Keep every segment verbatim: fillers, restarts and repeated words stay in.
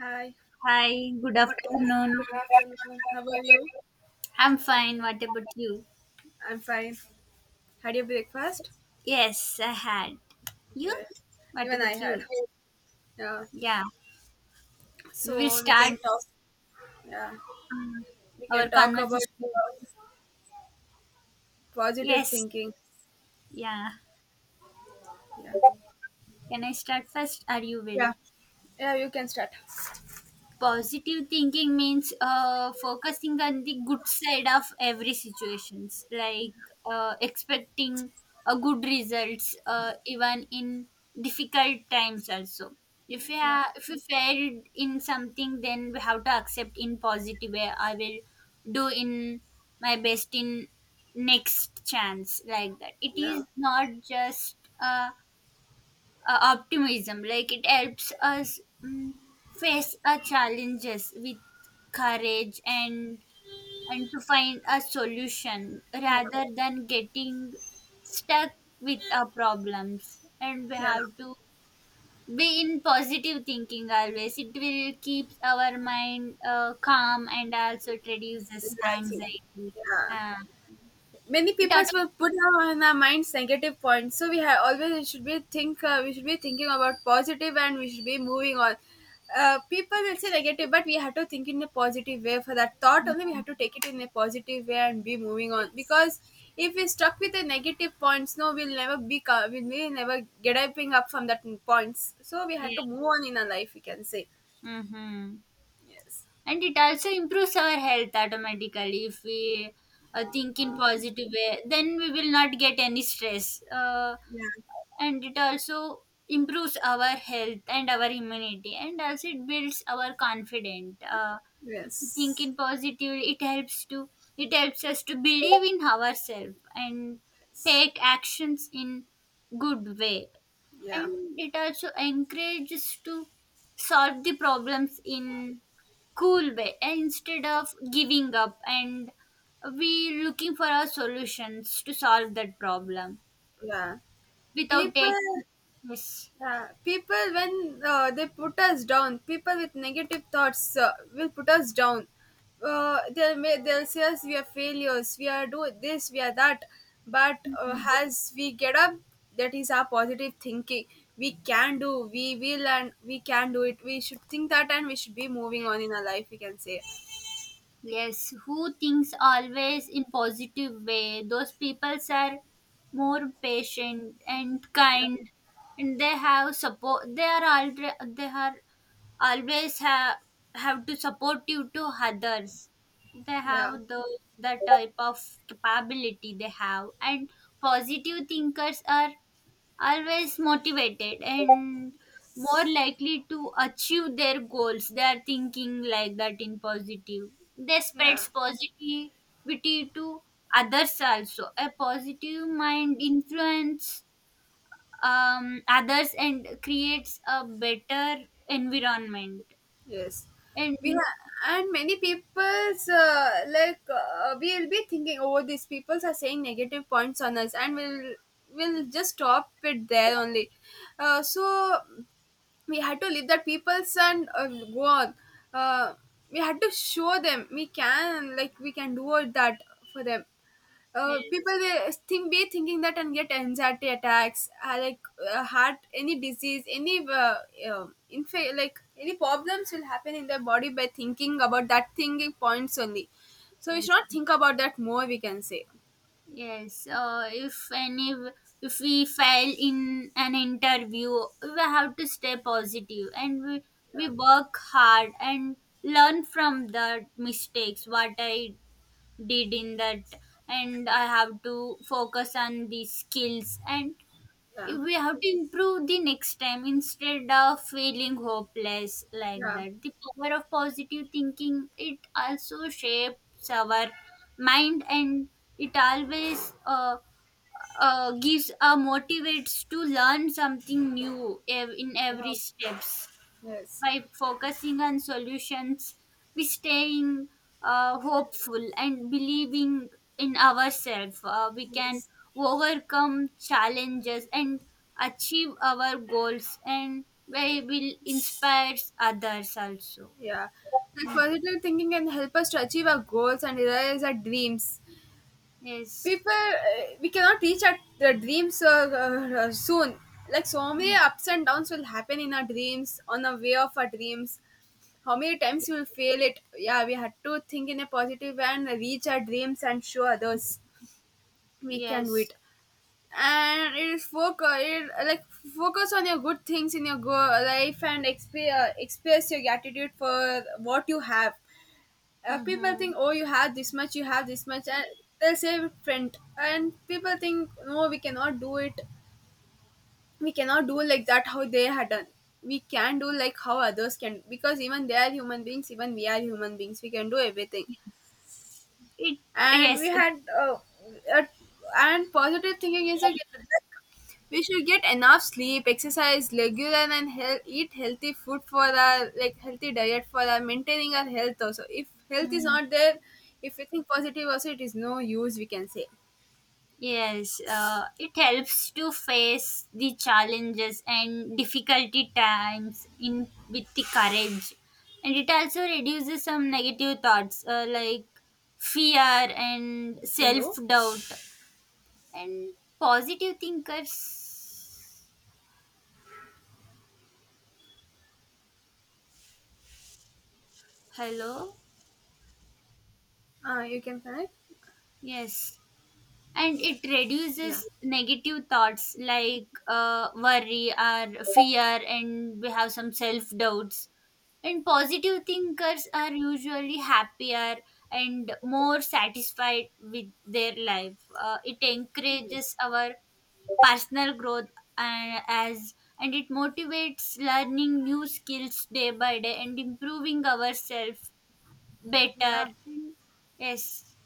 Hi, Hi, good Good afternoon. good afternoon. How are you? I'm fine. What about you? I'm fine. Had your breakfast? Yes, I had. You? Yes, What even I about had. you? Yeah. Yeah, we will So we start can talk. Yeah, we uh, can our talk about conversation. uh, positive Yes, thinking. yeah. Yeah, Can I start first or you yeah, will? yeah. You can start. Positive thinking means uh, focusing on the good side of every situations, like uh, expecting a good results uh, even in difficult times also. if you Yeah, ha- if you failed in something, then we have to accept in positive way. I will do in my best in next chance, like that. It yeah, is not just uh, uh, optimism, like it helps us mm, face our challenges with courage, and and to find a solution yeah, rather than getting stuck with our problems. And we yeah. have to be in positive thinking always. It will keep our mind uh, calm, and also it reduces Relaxing. anxiety Yeah. uh, Many it people auto- will put now in our minds negative points, so we have always we should be think uh, we should be thinking about positive, and we should be moving on. Uh, people will say negative, but we have to think in a positive way. For that thought only, we have to take it in a positive way and be moving on, yes, because if we stuck with the negative points, no, we'll never be co- we'll really never get up up from that points. So we have to yeah. move on in our life, we can say. Mm-hmm. Yes. And it also improves our health automatically. If we uh, think in positive way, then we will not get any stress uh, Yeah. And it also improves our health and our immunity, and also it builds our confidence uh, Yes, If we think yes. in positive, it helps to it helps us to believe in ourselves and take actions in good way. Yeah. And it also encourages to solve the problems in cool way instead of giving up, and we looking for our solutions to solve that problem Yeah. without people taking. Yes. Yeah, people when uh, they put us down, people with negative thoughts uh, will put us down. Uh, they'll ma- they'll say us we are failures, we are do this, we are that. But uh, as we get up, that is our positive thinking. We can do, we will, and we can do it. We should think that, and we should be moving on in our life, we can say. Yes, who thinks always in positive way. Those people are more patient and Yeah, kind, and they have support. They are alre- They are always have have to support you to others. They yeah. have those the type of capability they have, and positive thinkers are always motivated and more likely to achieve their goals. They are thinking like that in positive. They Yeah. spreads positivity to others also. A positive mind influence um, others and creates a better environment, Yes, and we ha- and many people's uh, like uh, we will be thinking, oh, these peoples are saying negative points on us, and we'll we'll just stop it there only. Uh, so we had to leave that people's and uh, go on. Uh, we had to show them we can, like we can do all that for them. Uh, people yes, will think be thinking that and get anxiety attacks, uh, like uh, heart, any disease, any uh, um inf- like any problems will happen in their body by thinking about that thinking points only. So we yes. should not think about that more, we can say. Yes, uh, if any, if we fail in an interview, we have to stay positive, and we, we Yeah. work hard and learn from the mistakes what I did in that. And I have to focus on the skills, and Yeah. if we have to improve the next time instead of feeling hopeless, like Yeah. that, the power of positive thinking, it also shapes our mind. And it always uh, uh, gives, uh, motivates to learn something new ev- in Yeah. every steps. Yes. By focusing on solutions, we staying uh, hopeful and believing in ourselves. Uh, we can Yes. overcome challenges and achieve our goals, and we will inspire others also. Yeah. Like positive thinking can help us to achieve our goals and realize our dreams. Yes, People uh, We cannot reach our the dreams uh, uh, uh, soon. Like, so many ups and downs will happen in our dreams, on the way of our dreams. How many times we will fail it, yeah, we had to think in a positive and reach our dreams and show others we can do yes. it. And it is focus it, like focus on your good things in your go- life, and exp- uh, express your gratitude for what you have. Uh, people Mm-hmm. think, oh, you have this much, you have this much, and they'll say print, and people think, no, we cannot do it. We cannot do like that, how they had done. We can do like how others can, because even they are human beings, even we are human beings, we can do everything. It And we Yes. had uh, uh, and positive thinking is a we should get enough sleep, exercise regular, and heal- eat healthy food for our, like healthy diet for our maintaining our health. Also, if health is Mm-hmm. not there, if we think positive, also it is no use, we can say. Yes, uh, it helps to face the challenges and difficulty times in with the courage, and it also reduces some negative thoughts uh, like fear and self Hello. doubt. And positive thinkers. Hello. Uh, you can connect. Yes. And it reduces Yeah. negative thoughts, like uh, worry or fear, and we have some self doubts. And positive thinkers are usually happier and more satisfied with their life uh, It encourages Yes. our personal growth uh, as, and it motivates learning new skills day by day and improving ourselves better. Yeah. Yes.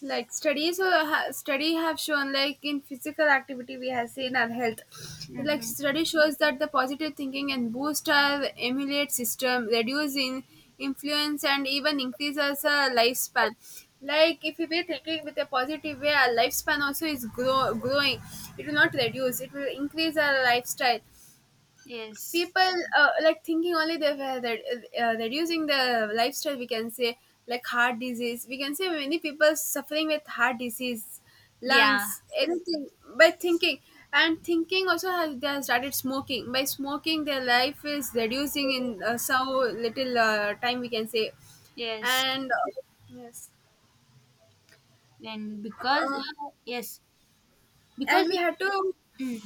Like studies uh, ha- study have shown, like in physical activity, we have seen our health. Like Hmm. study shows that the positive thinking and boost our emulate system, reduce in influence, and even increase our uh, lifespan. Like if we be thinking with a positive way, our lifespan also is grow- growing. It will not reduce, it will increase our lifestyle. Yes. People uh, Like thinking only they were that, uh, reducing the lifestyle, we can say. Like heart disease, we can say, many people suffering with heart disease, Yeah. lungs, anything, by thinking. And thinking also has, they have started smoking, by smoking their life is reducing in, uh, so little uh, time, we can say. Yes, And uh, yes, and because uh, uh, yes, because and we had to mm,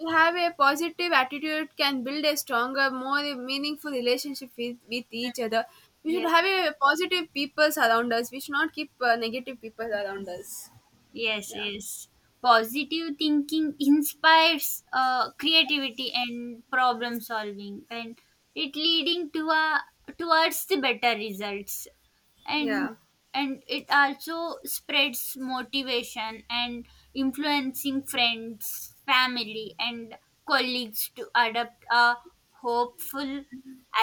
To have a positive attitude can build a stronger, more meaningful relationship with, with each other. We should yes, have a positive people around us. We should not keep uh, negative people around us. yes, Yeah. yes. Positive thinking inspires uh, creativity and problem solving, and it leading to a towards the better results. and Yeah. and it also spreads motivation and influencing friends, family, and colleagues to adopt a hopeful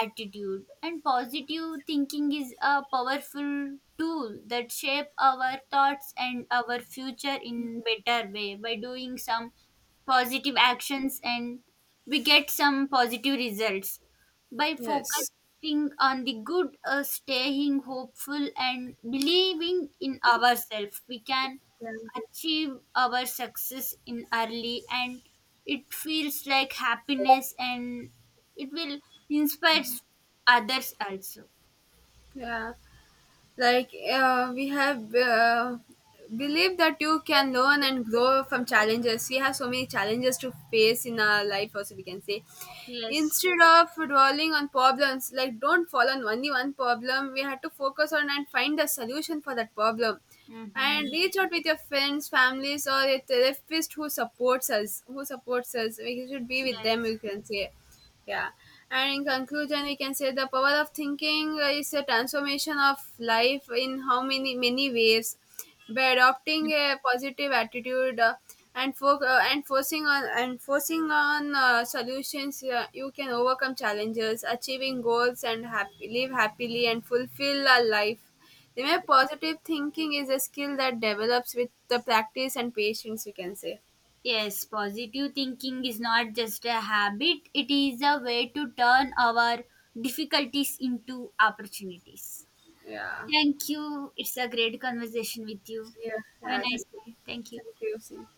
attitude. And positive thinking is a powerful tool that shape our thoughts and our future in better way, by doing some positive actions, and we get some positive results. By Yes. focusing on the good, uh, staying hopeful, and believing in ourselves, we can Yeah. achieve our success in early. And it feels like happiness, and it will inspire others also. Yeah. Like uh, we have, uh, believe that you can learn and grow from challenges. We have so many challenges to face in our life also, we can say. Yes. Instead of dwelling on problems, like don't fall on only one problem, we have to focus on and find a solution for that problem. Mm-hmm. And reach out with your friends, families, or a therapist who supports us who supports us, we should be with them, Yes. you can say. Yeah. And in conclusion, we can say the power of thinking is a transformation of life in how many many ways. By adopting a positive attitude, uh, and fo- uh, and forcing on and forcing on uh, solutions, uh, you can overcome challenges, achieving goals, and happy, live happily and fulfill our life. Remember, positive thinking is a skill that develops with the practice and patience, we can say. Yes, positive thinking is not just a habit, it is a way to turn our difficulties into opportunities. Yeah. Thank you. It's a great conversation with you. Yeah. Have a Yeah. nice Thank you. day. Thank you. Thank you. Sim.